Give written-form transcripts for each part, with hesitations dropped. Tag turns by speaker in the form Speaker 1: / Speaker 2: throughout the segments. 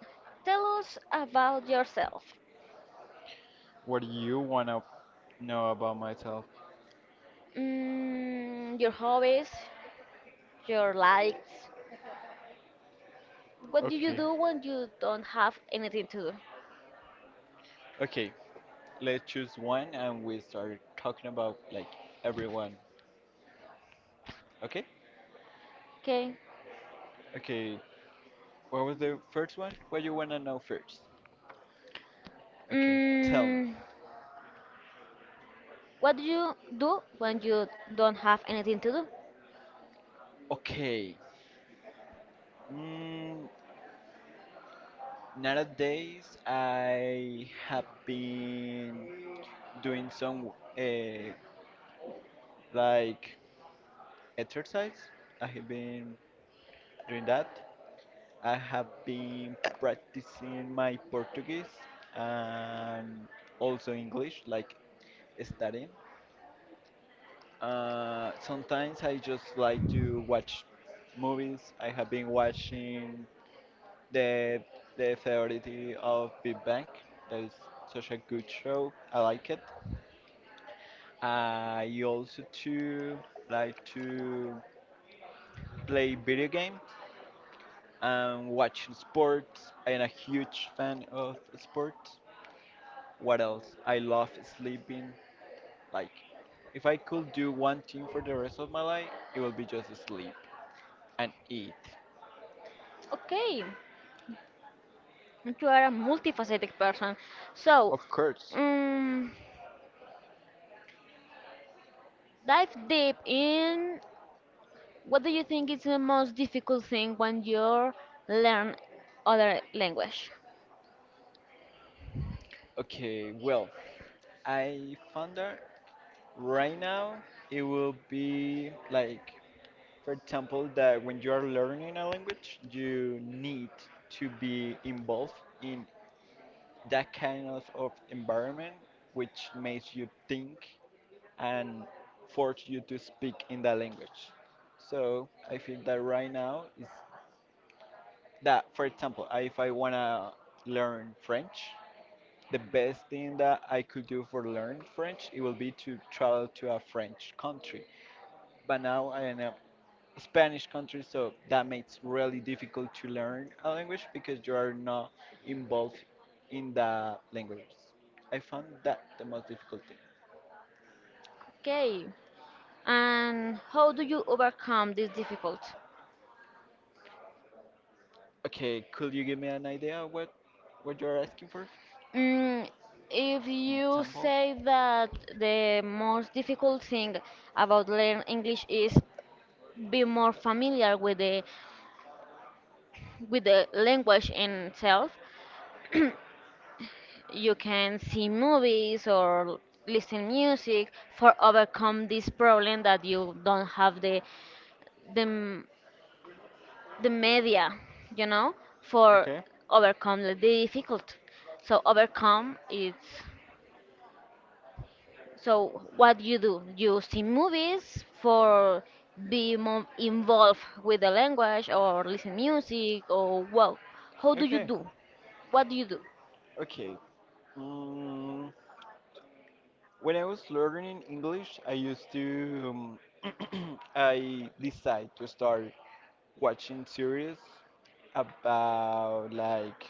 Speaker 1: Tell us about yourself.
Speaker 2: What do you wanna know about myself?
Speaker 1: Your hobbies, your likes. What do you
Speaker 2: Okay.
Speaker 1: do when you don't have anything to do?
Speaker 2: Okay, let's choose one and we start talking about like everyone. Okay?
Speaker 1: Okay.
Speaker 2: Okay. What was the first one? What you wanna know first? Uh, Tell me.
Speaker 1: Mm, what do you do when you don't have anything to do?
Speaker 2: Okay. Mm, nowadays I have been doing some uh, like exercise. I have been doing that. I have been practicing my Portuguese and also English, like studying. Sometimes I just like to watch movies. I have been watching the the Theory of Big Bang. That is such a good show. I like it. I also too like to play video games and watch sports. I am a huge fan of sports. What else? I love sleeping. Like, if I could do one thing for the rest of my life, it would be just sleep and eat.
Speaker 1: Okay. You are a multifaceted person. So,
Speaker 2: Of course.
Speaker 1: um, dive deep in, what do you think is the most difficult thing when you learn other language?
Speaker 2: Okay, well, I found that right now it will be like, for example, that when you are learning a language, you need to be involved in that kind of environment which makes you think and force you to speak in that language. So I feel that right now is that, for example, if I want to learn French, the best thing that I could do for learn French, it will be to travel to a French country. But now I am in a Spanish country, so that makes really difficult to learn a language because you are not involved in the language. I found that the most difficult thing.
Speaker 1: Okay, and how do you overcome this difficult?
Speaker 2: Okay, could you give me an idea of what you're asking for?
Speaker 1: Mm, if
Speaker 2: An
Speaker 1: you
Speaker 2: example?
Speaker 1: say that the most difficult thing about learn English is be more familiar with the language in itself, you can see movies or listen music for overcome this problem that you don't have the the the media, you know, for
Speaker 2: Okay.
Speaker 1: overcome the difficult. So overcome is, so what you do? You see movies for be more involved with the language or listen music or, well, how do you
Speaker 2: Okay.
Speaker 1: do? What do you do?
Speaker 2: Okay. Mm, when I was learning English, I used to I decide to start watching series about like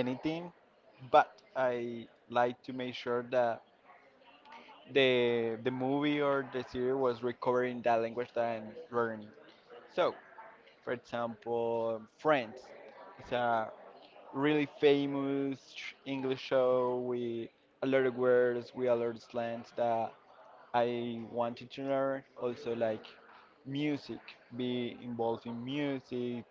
Speaker 2: anything, but I like to make sure that the movie or the series was recovering that language that I'm learning. So, for example, Friends. It's a really famous English show with a lot of words, with a lot of slangs that I wanted to learn. Also, like music, be involved in music.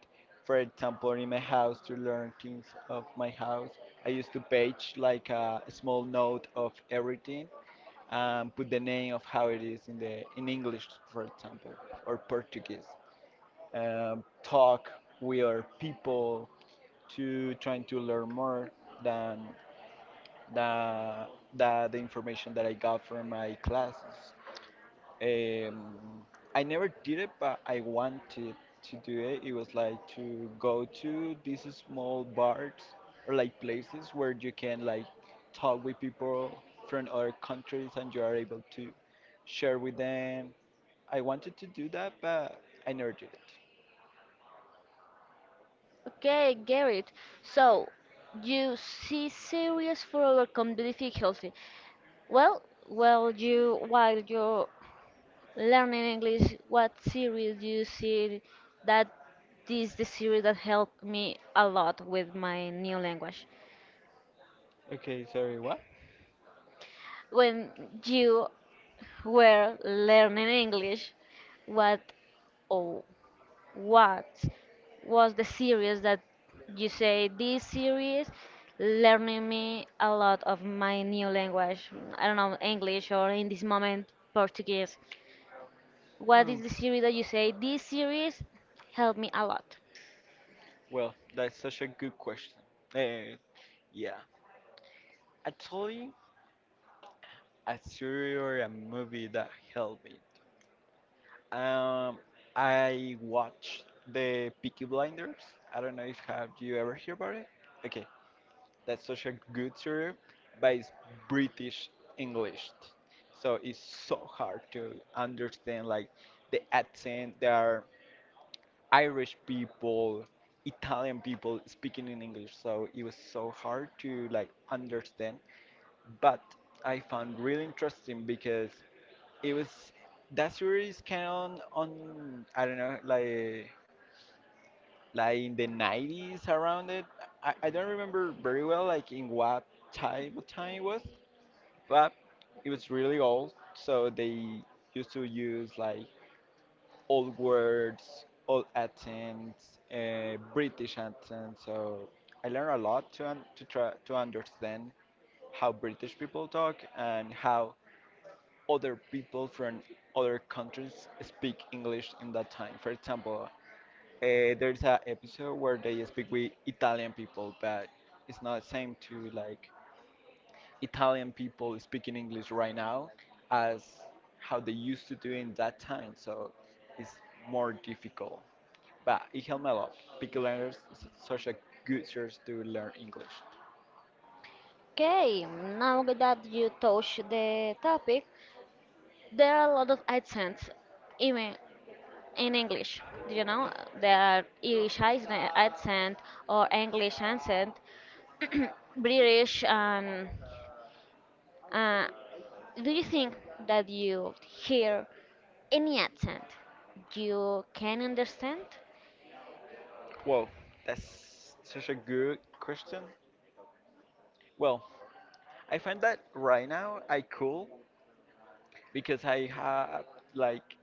Speaker 2: For example, in my house, to learn things of my house, I used to page like a small note of everything and put the name of how it is in the in English, for example, or Portuguese. Talk with our people to trying to learn more than the, the information that I got from my classes. Um, I never did it, but I wanted to do it. It was like to go to these small bars or like places where you can like talk with people from other countries and you are able to share with them. I wanted to do that, but I never did it.
Speaker 1: Okay, get it. So you see series for overcome the difficulty. Well, well, you, while you learning English, what series you see that is the series that helped me a lot with my new language?
Speaker 2: Okay, sorry, what?
Speaker 1: When you were learning English, what or what was the series that you say this series learning me a lot of my new language? I don't know, English or in this moment Portuguese. What
Speaker 2: Hmm.
Speaker 1: is the series that you say this series helped me a lot?
Speaker 2: Well, that's such a good question. Eh, yeah. Actually, a series or a movie that helped me. Um, I watched the Peaky Blinders. I don't know if have you ever heard about it. Okay, that's such a good series, but it's British English, so it's so hard to understand like the accent. There are Irish people, Italian people speaking in English, so it was so hard to like understand. But I found really interesting because it was that series came on I don't know like in the nineties around it. I don't remember very well like in what time it was, but it was really old. So they used to use like old words, old accents, British accent. So I learned a lot to to try to understand how British people talk and how other people from other countries speak English in that time. For example, there's an episode where they speak with Italian people, but it's not the same to like Italian people speaking English right now as how they used to do in that time. So it's more difficult. But it helped me a lot. Picky learners is such a good source to learn English.
Speaker 1: Okay, now that you touch the topic, there are a lot of accents, even in English. Do you know, there are Irish accent or English accent, British, and uh, do you think that you hear any accent you can understand?
Speaker 2: Whoa, that's such a good question. Well, I find that right now I could because I have like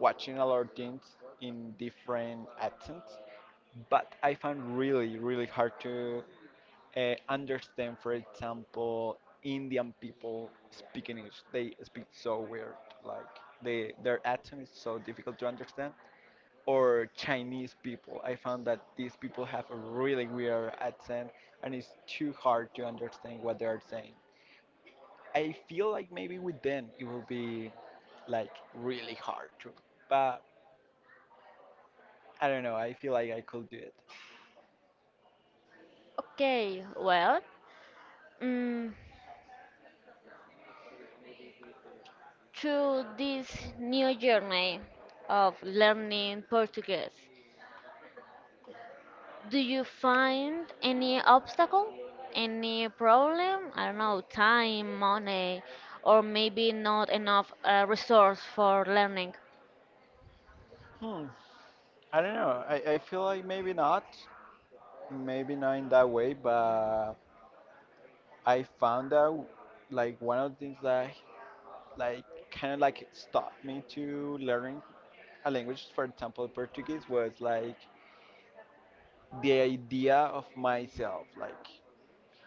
Speaker 2: watching a lot of things in different accents, but I found really really hard to understand. For example, Indian people speak English. They speak so weird. Like they their accent is so difficult to understand. Or Chinese people. I found that these people have a really weird accent and it's too hard to understand what they are saying. I feel like maybe with them it will be like really hard to, but I don't know. I feel like I could do it.
Speaker 1: Okay, well, mm, through this new journey of learning Portuguese, do you find any obstacle, any problem? I don't know, time, money, or maybe not enough resource for learning.
Speaker 2: Hmm. I don't know. I feel like maybe not in that way, but I found out like one of the things that like kind of like stopped me to learning a language, for example, Portuguese, was like the idea of myself. Like,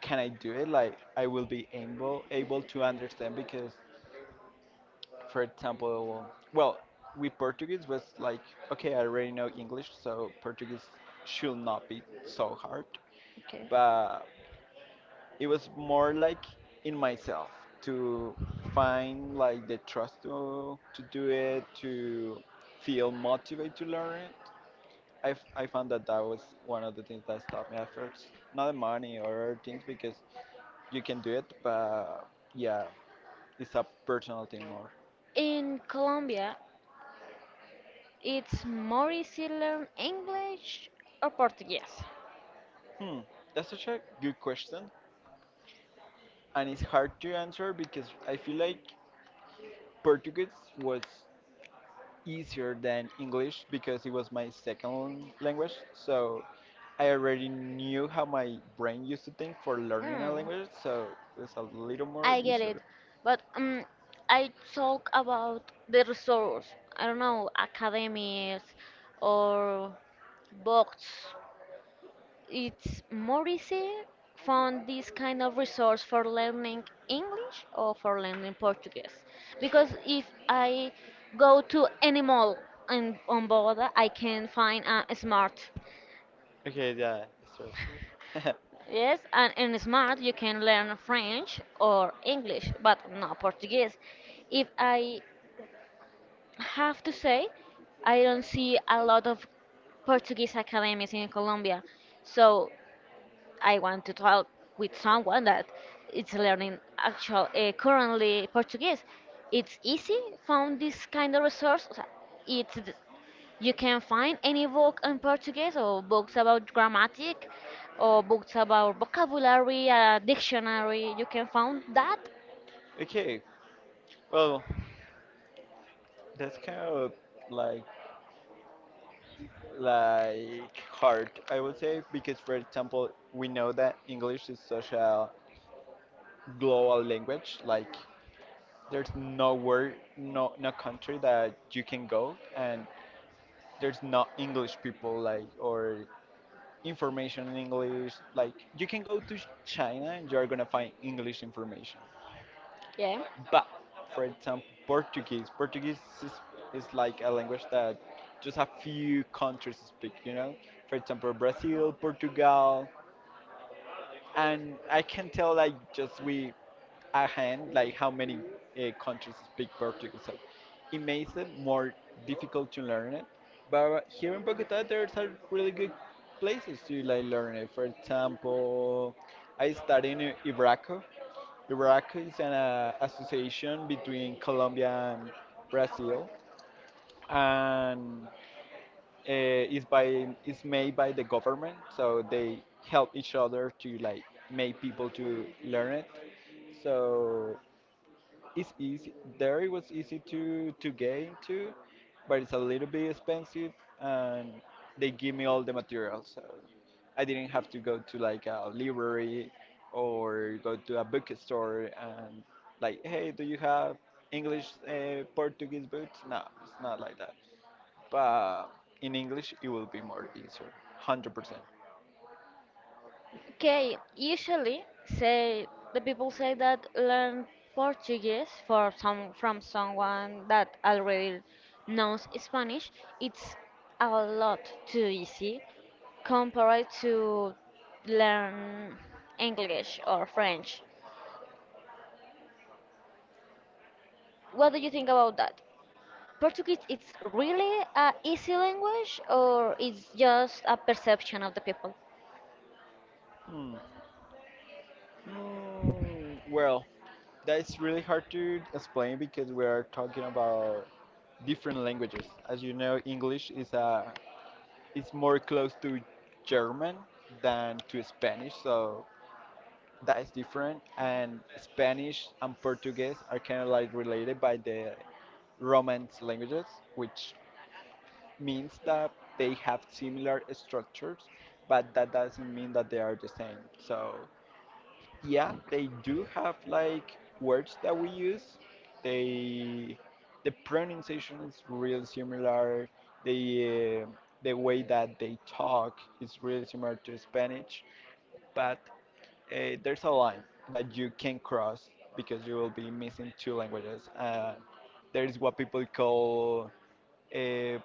Speaker 2: can I do it? Like, I will be able to understand because for example, well, with Portuguese was like, okay, I already know English, so Portuguese should not be so hard.
Speaker 1: Okay.
Speaker 2: But it was more like in myself to find like the trust to do it, to feel motivated to learn it. I found that that was one of the things that stopped me at first. Not the money or other things because you can do it, but yeah, it's a personal thing more.
Speaker 1: In Colombia, it's more easy learn English or Portuguese?
Speaker 2: Hmm, that's such a good question and it's hard to answer because I feel like Portuguese was easier than English because it was my second language. So I already knew how my brain used to think for learning a
Speaker 1: Mm,
Speaker 2: language, so it was a little more
Speaker 1: I get it,
Speaker 2: easier.
Speaker 1: but I talk about the resource. I don't know, academies or books. It's more easy find this kind of resource for learning English or for learning Portuguese? Because if I go to any mall in, on Bogota, I can find a smart.
Speaker 2: Okay, yeah, that's true.
Speaker 1: Yes, and in smart you can learn French or English, but not Portuguese. If I have to say, I don't see a lot of Portuguese academies in Colombia. So I want to talk with someone that is learning actual currently Portuguese. It's easy found this kind of resource. O sea, It's th- you can find any book in Portuguese or books about grammatic or books about vocabulary, dictionary. You can find that.
Speaker 2: Okay, well, that's kind of like like hard, I would say, because for example, we know that English is such a global language, like there's nowhere, no country that you can go and there's not English people like or information in English. Like you can go to China and you're gonna find English information.
Speaker 1: Yeah.
Speaker 2: But for example, Portuguese. Portuguese is like a language that just a few countries speak. You know, for example, Brazil, Portugal, and I can tell like just with a hand like how many countries speak Portuguese. So it makes it more difficult to learn it. But here in Bogota, there are really good places to like learn it. For example, I studied in Ibraco. Ibraco is an association between Colombia and Brazil, and is made by the government so they help each other to like make people to learn it so it's easy there it was easy to get into but it's a little bit expensive and they give me all the materials so I didn't have to go to like a library or go to a bookstore and like hey do you have english portuguese books no it's not like that but in English it will be more easier, 100%.
Speaker 1: Okay, usually say the people say that learn Portuguese for some from someone that already knows Spanish, it's a lot too easy compared to learn English or French. What do you think about that? Portuguese it's really a easy language or it's just a perception of the people?
Speaker 2: Hmm. Mm, well, that's really hard to explain because we are talking about different languages. As you know, English is a is more close to German than to Spanish, so that is different. And Spanish and Portuguese are kind of like related by the Romance languages, which means that they have similar structures, but that doesn't mean that they are the same. So, yeah, they do have like words that we use. They the pronunciation is real similar. The uh, the way that they talk is really similar to Spanish, but there's a line that you can cross because you will be missing two languages. There is what people call uh,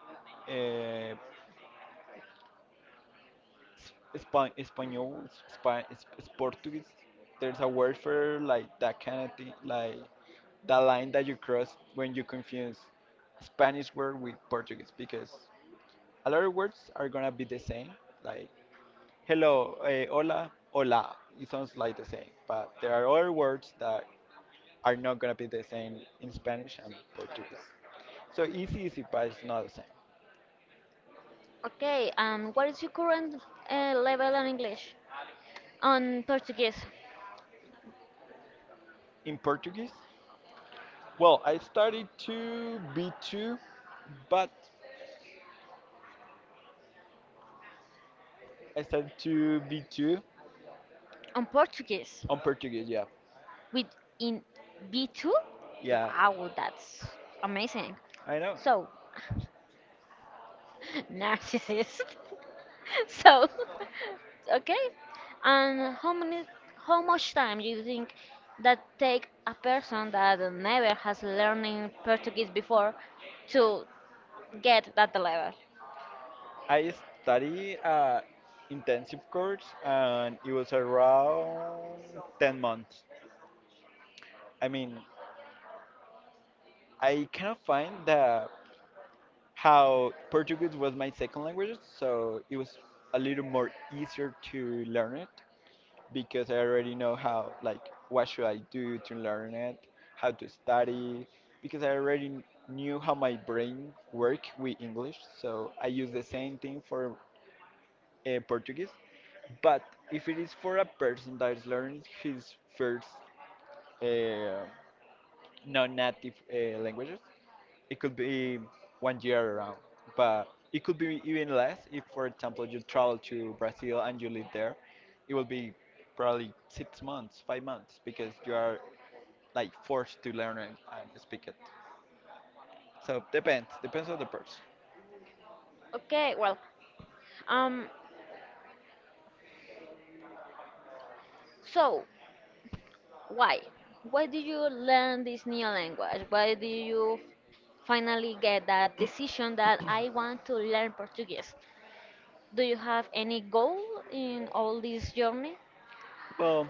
Speaker 2: uh, Span Espanol, Span it's Portuguese. There's a word for like that kind of thing, like that line that you cross when you confuse Spanish word with Portuguese, because a lot of words are gonna be the same. Like hello, hola, hola. It sounds like the same, but there are other words that are not gonna be the same in Spanish and Portuguese. So easy, easy, but it's not the same.
Speaker 1: Okay, and what is your current level on English? On Portuguese?
Speaker 2: In Portuguese, well, I started to B2, but I started to B2
Speaker 1: On Portuguese
Speaker 2: on Portuguese, yeah.
Speaker 1: with, in B2.
Speaker 2: Yeah,
Speaker 1: Wow, that's amazing.
Speaker 2: I know.
Speaker 1: So, narcissist. So, okay. And how much time do you think that take a person that never has learning Portuguese before to get that level?
Speaker 2: I study intensive course and it was around 10 months. I mean, I cannot find the how Portuguese was my second language, so it was a little more easier to learn it. Because I already know how like what should I do to learn it, how to study, because I already knew how my brain work with English, so I use the same thing for Portuguese. But if it is for a person that is learning his first uh, non-native languages, it could be 1 year around, but it could be even less if, for example, you travel to Brazil and you live there. It will be probably 6 months, 5 months, because you are like forced to learn it and speak it. So depends, depends on the person.
Speaker 1: Okay, well, um, so why? Why did you learn this new language? Why do you finally get that decision that I want to learn Portuguese? Do you have any goal in all this journey?
Speaker 2: Well,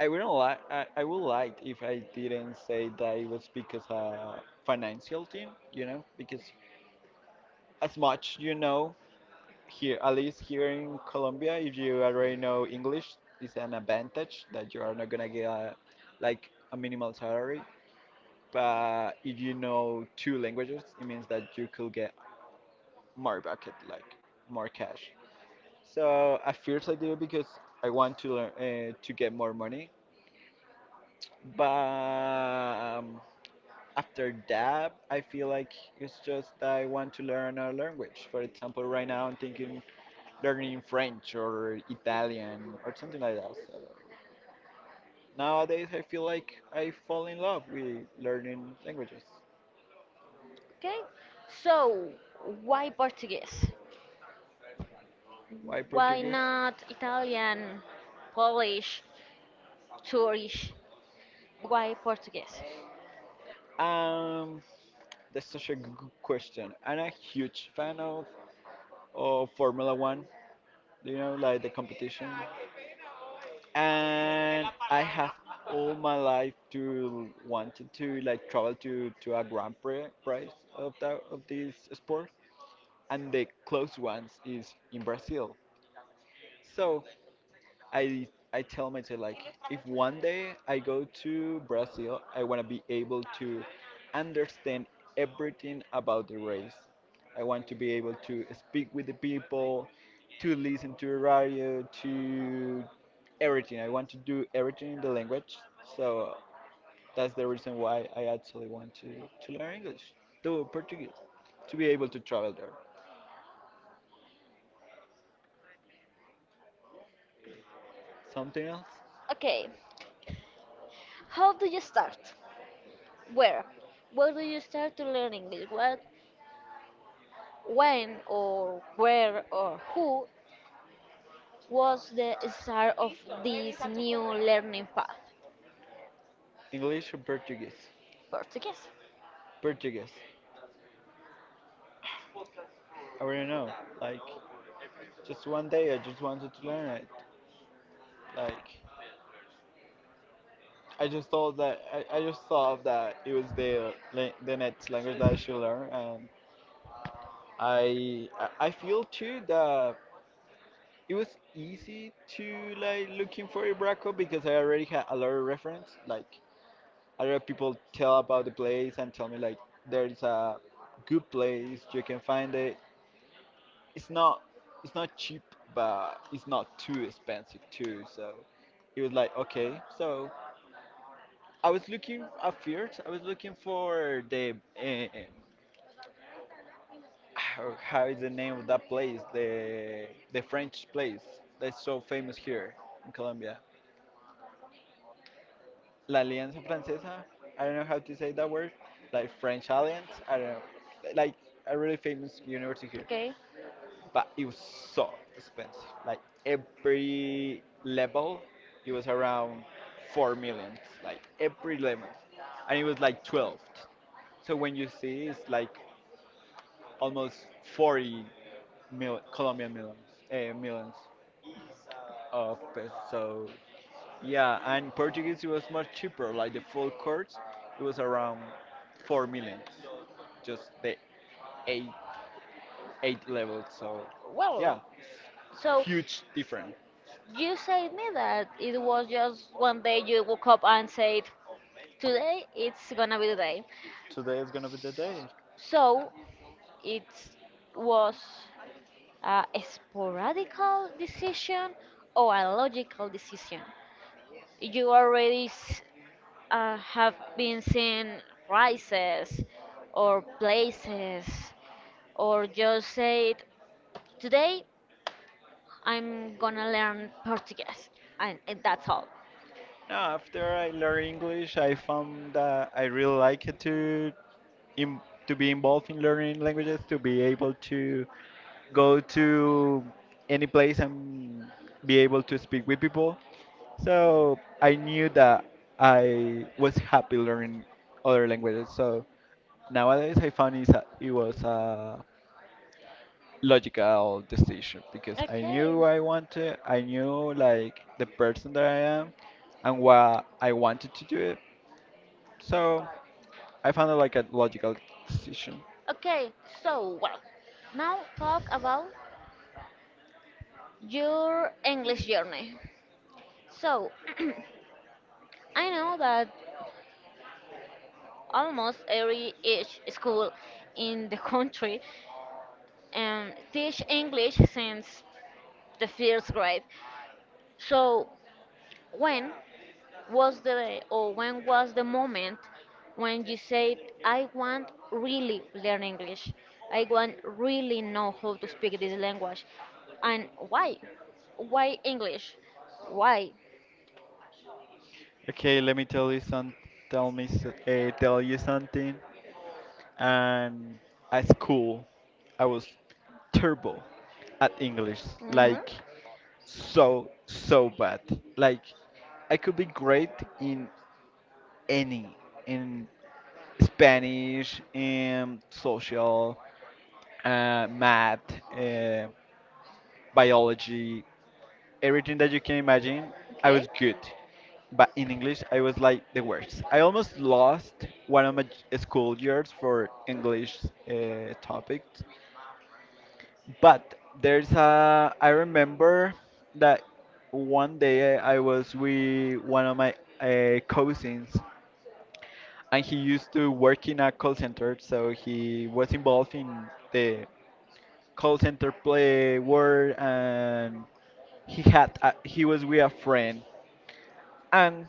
Speaker 2: I wouldn't like. I would like if I didn't say that it was because of financial thing, you know, because as much you know here, at least here in Colombia, if you already know English, it's an advantage that you are not gonna get a, like a minimal salary. But if you know two languages, it means that you could get more bucket, like more cash. So at first I did it because I want to learn to get more money, but after that I feel like it's just that I want to learn another language. For example, right now I'm thinking learning French or Italian or something like that. So nowadays, I feel like I fall in love with learning languages.
Speaker 1: Okay, so why Portuguese?
Speaker 2: Why
Speaker 1: Why
Speaker 2: Portuguese?
Speaker 1: not Italian, Polish, Turkish? Why Portuguese?
Speaker 2: Um, that's such a good question. I'm a huge fan of Formula One, you know, like the competition. And I have all my life to wanted to like travel to a Grand Prix prize of this sport, and the close ones is in Brazil. So I I tell myself like if 1 day I go to Brazil, I want to be able to understand everything about the race. I want to be able to speak with the people, to listen to the radio, to everything. I want to do everything in the language. So that's the reason why I actually want to learn English, to Portuguese, to be able to travel there. Something else?
Speaker 1: Okay, how do you start? Where? Where do you start to learn English? When, or where, or who was the start of this new learning path?
Speaker 2: English or Portuguese?
Speaker 1: Portuguese.
Speaker 2: Portuguese. I don't know. Like just 1 day, I just wanted to learn it. Like, I just thought that I just thought that it was the the next language that I should learn, and I feel too that it was easy to like looking for Ibraco because I already had a lot of reference. Like, a lot of people tell about the place and tell me like there is a good place you can find it. It's not it's not cheap, but it's not too expensive too. So it was like okay, so I was looking at first. I was looking for the uh, how how is the name of that place? The French place that's so famous here in Colombia. La Alianza Francesa. I don't know how to say that word. Like French Alliance. I don't know. Like a really famous university here.
Speaker 1: Okay.
Speaker 2: But it was so expensive. Like every level, it was around 4 millions. Like every level, and it was like 12. So when you see it's like almost 40 Colombian millions, millions of pesos. So yeah, and Portuguese it was much cheaper. Like the full course, it was around four millions, just the eight 8 levels. So yeah,
Speaker 1: Well, so
Speaker 2: huge difference.
Speaker 1: you said me that it was just one day you woke up and said, "Today it's gonna be the day."
Speaker 2: Today is gonna be the day.
Speaker 1: So it was a sporadical decision or a logical decision? You already have been seeing prices or places, or just said, "Today I'm gonna learn Portuguese," and that's all.
Speaker 2: Now after I learn English, I found that I really like it in, to be involved in learning languages, to be able to go to any place and be able to speak with people. So I knew that I was happy learning other languages. So nowadays I found it was a logical decision because I
Speaker 1: Okay.
Speaker 2: knew what I wanted, I knew like the person that I am and what I wanted to do it. So I found it like a logical decision.
Speaker 1: Okay. So, well, now talk about your English journey. So, I know that almost every each school in the country teach English since the first grade. So, when when was the moment when you said I want really learn English? I want really know how to speak this language. And why? Why English? Why?
Speaker 2: Okay, let me tell you some, tell me, s- eh, tell you something. And at school I was terrible at English,
Speaker 1: Mhm.
Speaker 2: like so so bad. Like I could be great in any in Spanish, in social, math, uh, biology, everything that you can imagine. I was
Speaker 1: Okay.
Speaker 2: good, but in English I was like the worst. I almost lost one of my school years for English topics. But I remember that 1 day I was with one of my cousins, and he used to work in a call center, so he was involved in the call center play world, and he was with a friend, and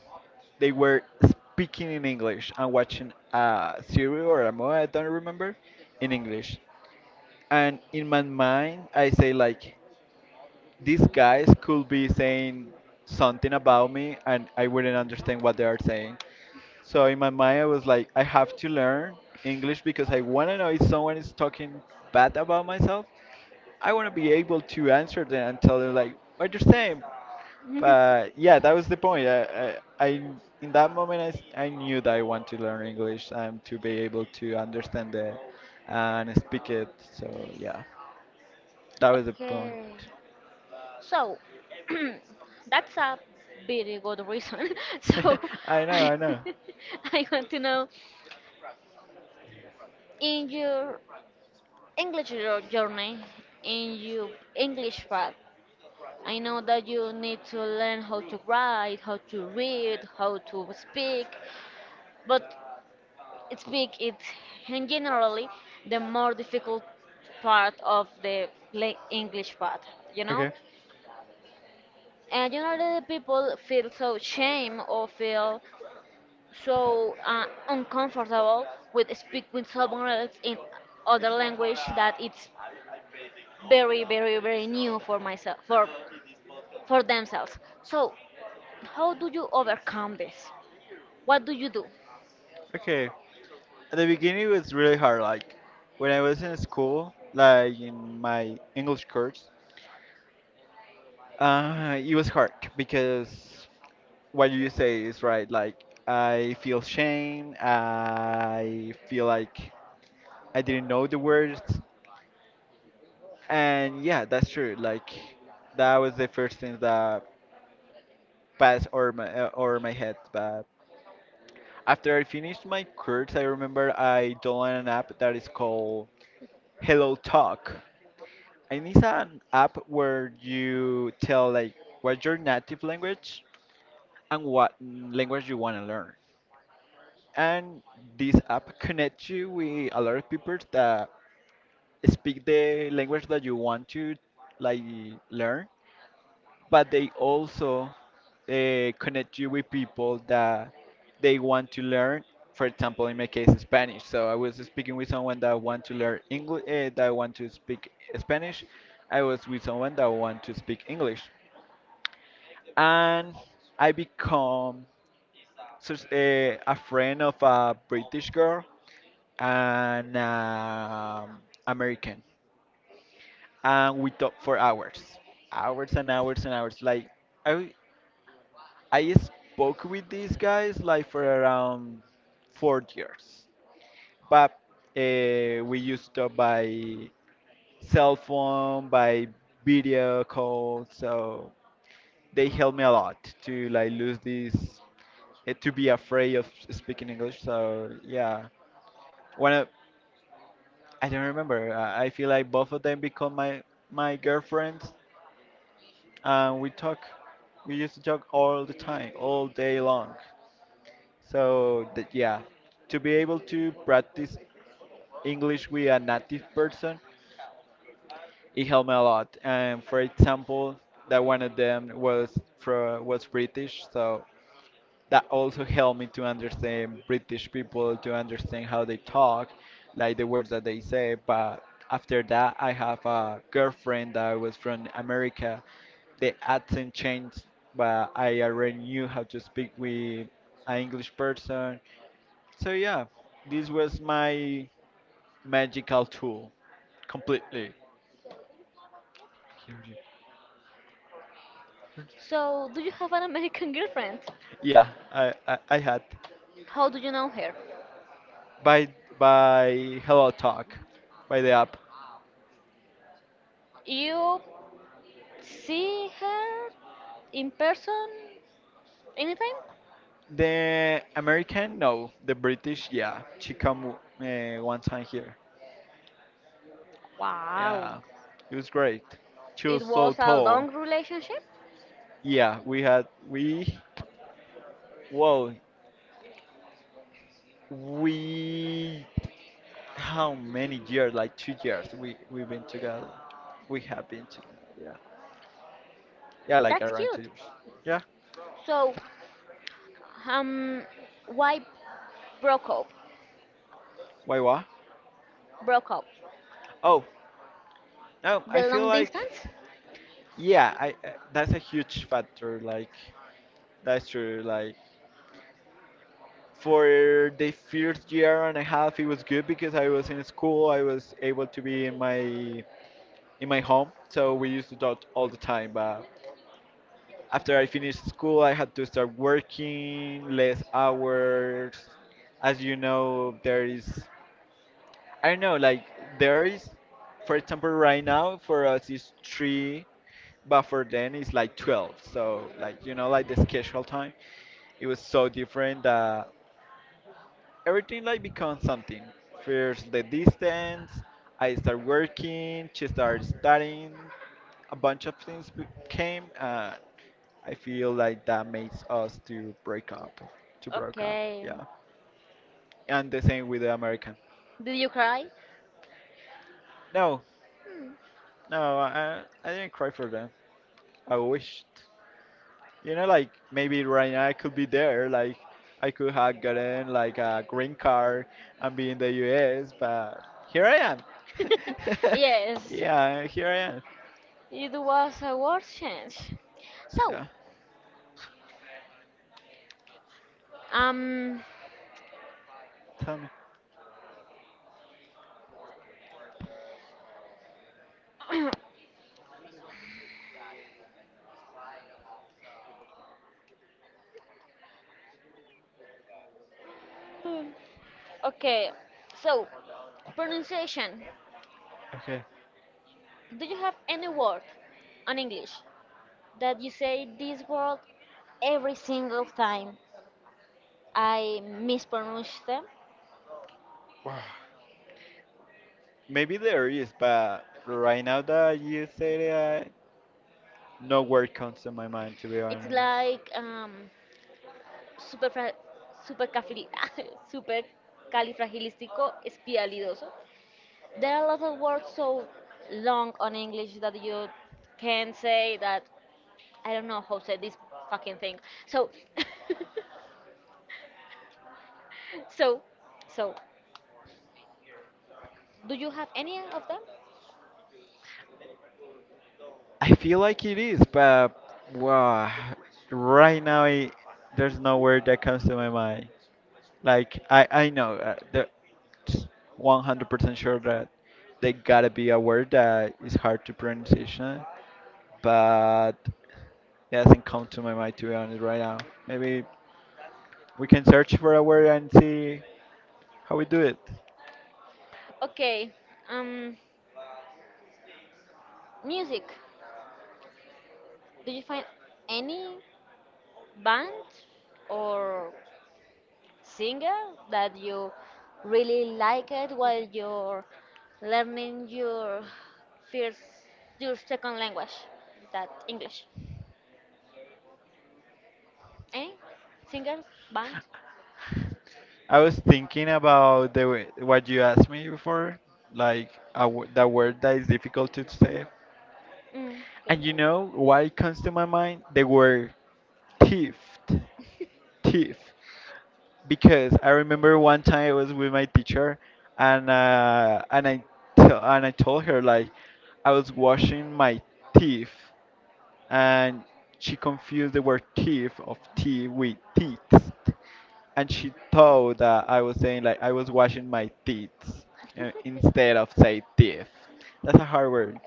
Speaker 2: they were speaking in English and watching a series or a movie, I don't remember, in English. And in my mind, I say like, these guys could be saying something about me and I wouldn't understand what they are saying. So in my mind, I was like, I have to learn English because I want to know if someone is talking bad about myself. I want to be able to answer them and tell them like what you're saying. But yeah, that was the point. I in that moment, I knew that I want to learn English and to be able to understand it and speak it. So yeah, that was the point.
Speaker 1: Okay. So, that's a very good reason. So,
Speaker 2: I know,
Speaker 1: I,
Speaker 2: I know.
Speaker 1: I want to know in your English journey, in your English path. I know that you need to learn how to write, how to read, how to speak, but speak is in generally the more difficult part of the English part, you know?
Speaker 2: Okay.
Speaker 1: And generally the people feel so shame or feel so uncomfortable with speaking with someone else in other language that it's very, very, very new for myself, for themselves. So, how do you overcome this? What do you do?
Speaker 2: Okay. At the beginning, it was really hard. Like, when I was in school, like in my English course, it was hard because what you say is right. Like, I feel shame. I feel like I didn't know the words. And yeah, that's true. Like, that was the first thing that passed over over my head. But after I finished my course, I remember I downloaded an app that is called Hello Talk. And it's an app where you tell like what's your native language and what language you want to learn. And this app connects you with a lot of people that speak the language that you want to like learn. But they also connect you with people that they want to learn. For example, in my case, Spanish. So I was speaking with someone that want to learn that want to speak Spanish. I was with someone that want to speak English, and I become such a friend of a British girl and American, and we talked for hours, hours and hours and hours. Like I I spoke with these guys like for around 4 years, but we used to by video call, so they helped me a lot to like lose to be afraid of speaking English. So yeah, when I, I don't remember, I feel like both of them become my girlfriends, and we used to talk all the time, all day long. So that, yeah, to be able to practice English with a native person, it helped me a lot. And for example, that one of them was British, so that also helped me to understand British people, to understand how they talk, like the words that they say. But after that, I have a girlfriend that was from America. The accent changed, but I already knew how to speak with an English person, so yeah, this was my magical tool, completely. Here you-
Speaker 1: So, do you have an American girlfriend?
Speaker 2: Yeah, I had
Speaker 1: How do you know her?
Speaker 2: by Hello Talk, by the app.
Speaker 1: You see her in person anytime?
Speaker 2: The American, no, the British, yeah. She come one time here.
Speaker 1: Wow.
Speaker 2: Yeah, it was great. She was
Speaker 1: It
Speaker 2: so
Speaker 1: was a long
Speaker 2: tall.
Speaker 1: relationship?
Speaker 2: Yeah, we had we. Whoa, we. How many years? Like 2 years. We we've been together. We have been together. Yeah. Yeah, like
Speaker 1: That's
Speaker 2: around
Speaker 1: cute.
Speaker 2: 2 years. Yeah.
Speaker 1: So, um, why broke up?
Speaker 2: Why what?
Speaker 1: Broke up.
Speaker 2: Oh, no, I
Speaker 1: The
Speaker 2: feel
Speaker 1: long
Speaker 2: like
Speaker 1: distance?
Speaker 2: yeah, I that's a huge factor. Like that's true. Like for the first year and a half, it was good because I was in school. I was able to be in my home, so we used to talk all the time. But after I finished school, I had to start working less hours. As you know, there is I don't know, like there is, for example, right now for us is three, but for them it's like 12. So like you know, like the schedule time, it was so different that everything like becomes something. First the distance, I start working, she started studying, a bunch of things came. And I feel like that makes us to break up,
Speaker 1: Okay.
Speaker 2: yeah. And the same with the American.
Speaker 1: Did you cry?
Speaker 2: No, no, I didn't cry for them. I wished, you know, like maybe right now I could be there, like I could have gotten like a green card and be in the US, but here I am.
Speaker 1: Yes.
Speaker 2: Yeah, here I am.
Speaker 1: It was a world change. So,
Speaker 2: Yeah,
Speaker 1: um,
Speaker 2: tell me.
Speaker 1: okay. So, pronunciation.
Speaker 2: Okay.
Speaker 1: Do you have any word on English that you say this word every single time I mispronounce them?
Speaker 2: Wow. Maybe there is, but right now that you say that, no word comes to my mind to be
Speaker 1: It's
Speaker 2: honest.
Speaker 1: like super super super califragilistico espialidoso. There are a lot of words so long on English that you can say that I don't know how to say this fucking thing. So, so, so, do you have any of them?
Speaker 2: I feel like it is, but wow, right now it, there's no word that comes to my mind. Like I know the 100% sure that they gotta be aware that it's hard to pronunciation, but it doesn't come to my mind to be honest right now. Maybe we can search for a word and see how we do it.
Speaker 1: Okay, um, music. Do you find any band or singer that you really like it while you're learning your first, your second language, that English? Any singers, band?
Speaker 2: I was thinking about the way, what you asked me before, the word that is difficult to say.
Speaker 1: Mm, okay.
Speaker 2: And you know what comes to my mind? The word thief. Thief. Because I remember one time I was with my teacher, and uh, and I t- and I told her like I was washing my teeth, and she confused the word teeth of tea with teeth, and she thought that I was saying like I was washing my teeth instead of say teeth. That's a hard word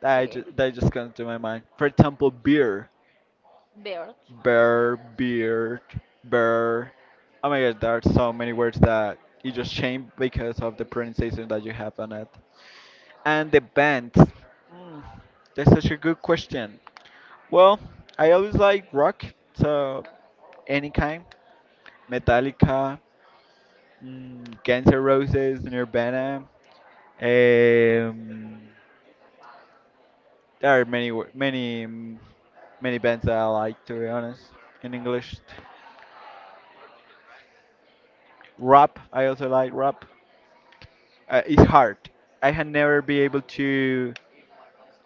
Speaker 1: See,
Speaker 2: that just comes to my mind. For example, beer.
Speaker 1: bird.
Speaker 2: Bear, beard, bear. Oh my god, there are so many words that you just change because of the pronunciation that you have on it. And the bands. Mm, that's such a good question. Well, I always like rock, so any kind. Metallica, mm, Guns N' Roses, Nirvana. Um, there are many, many, mm, many bands that I like, to be honest, in English. Rap, I also like rap. It's hard. I had never be able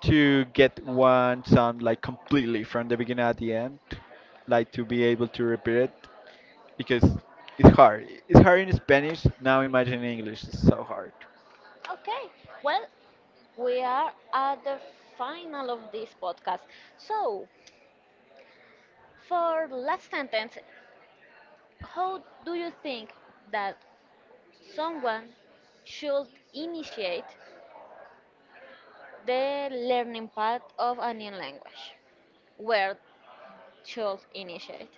Speaker 2: to get one sound like completely from the beginning at the end, like to be able to repeat it because it's hard. It's hard in Spanish. Now imagine in English. It's so hard.
Speaker 1: Okay. Well, we are at the final of this podcast. So, for last sentence, how do you think that someone should initiate the learning path of a new language? Where should initiate?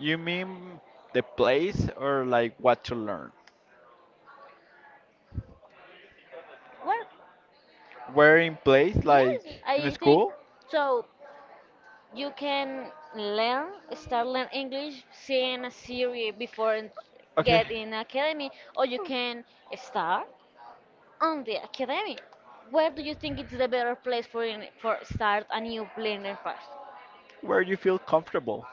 Speaker 2: You mean the place or like what to learn?
Speaker 1: Well,
Speaker 2: Where in place,
Speaker 1: yes,
Speaker 2: like in
Speaker 1: I think
Speaker 2: school?
Speaker 1: so. You can learn, start learn English, seeing a series before and
Speaker 2: Okay,
Speaker 1: get in academy, or you can start. On the academic, where do you think it's the better place for in, for start a new learning path?
Speaker 2: where you feel comfortable.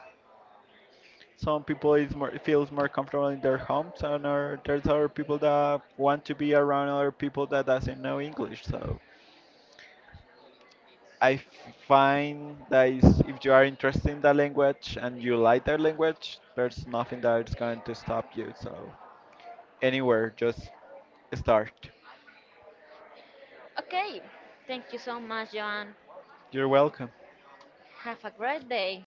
Speaker 2: Some people is more feels more comfortable in their homes, there's other people that want to be around other people that doesn't know English. So I f- find that is, if you are interested in that language and you like that language, there's nothing that is going to stop you. So anywhere, just start.
Speaker 1: Okay, thank you so much, Joan.
Speaker 2: You're welcome.
Speaker 1: Have a great day.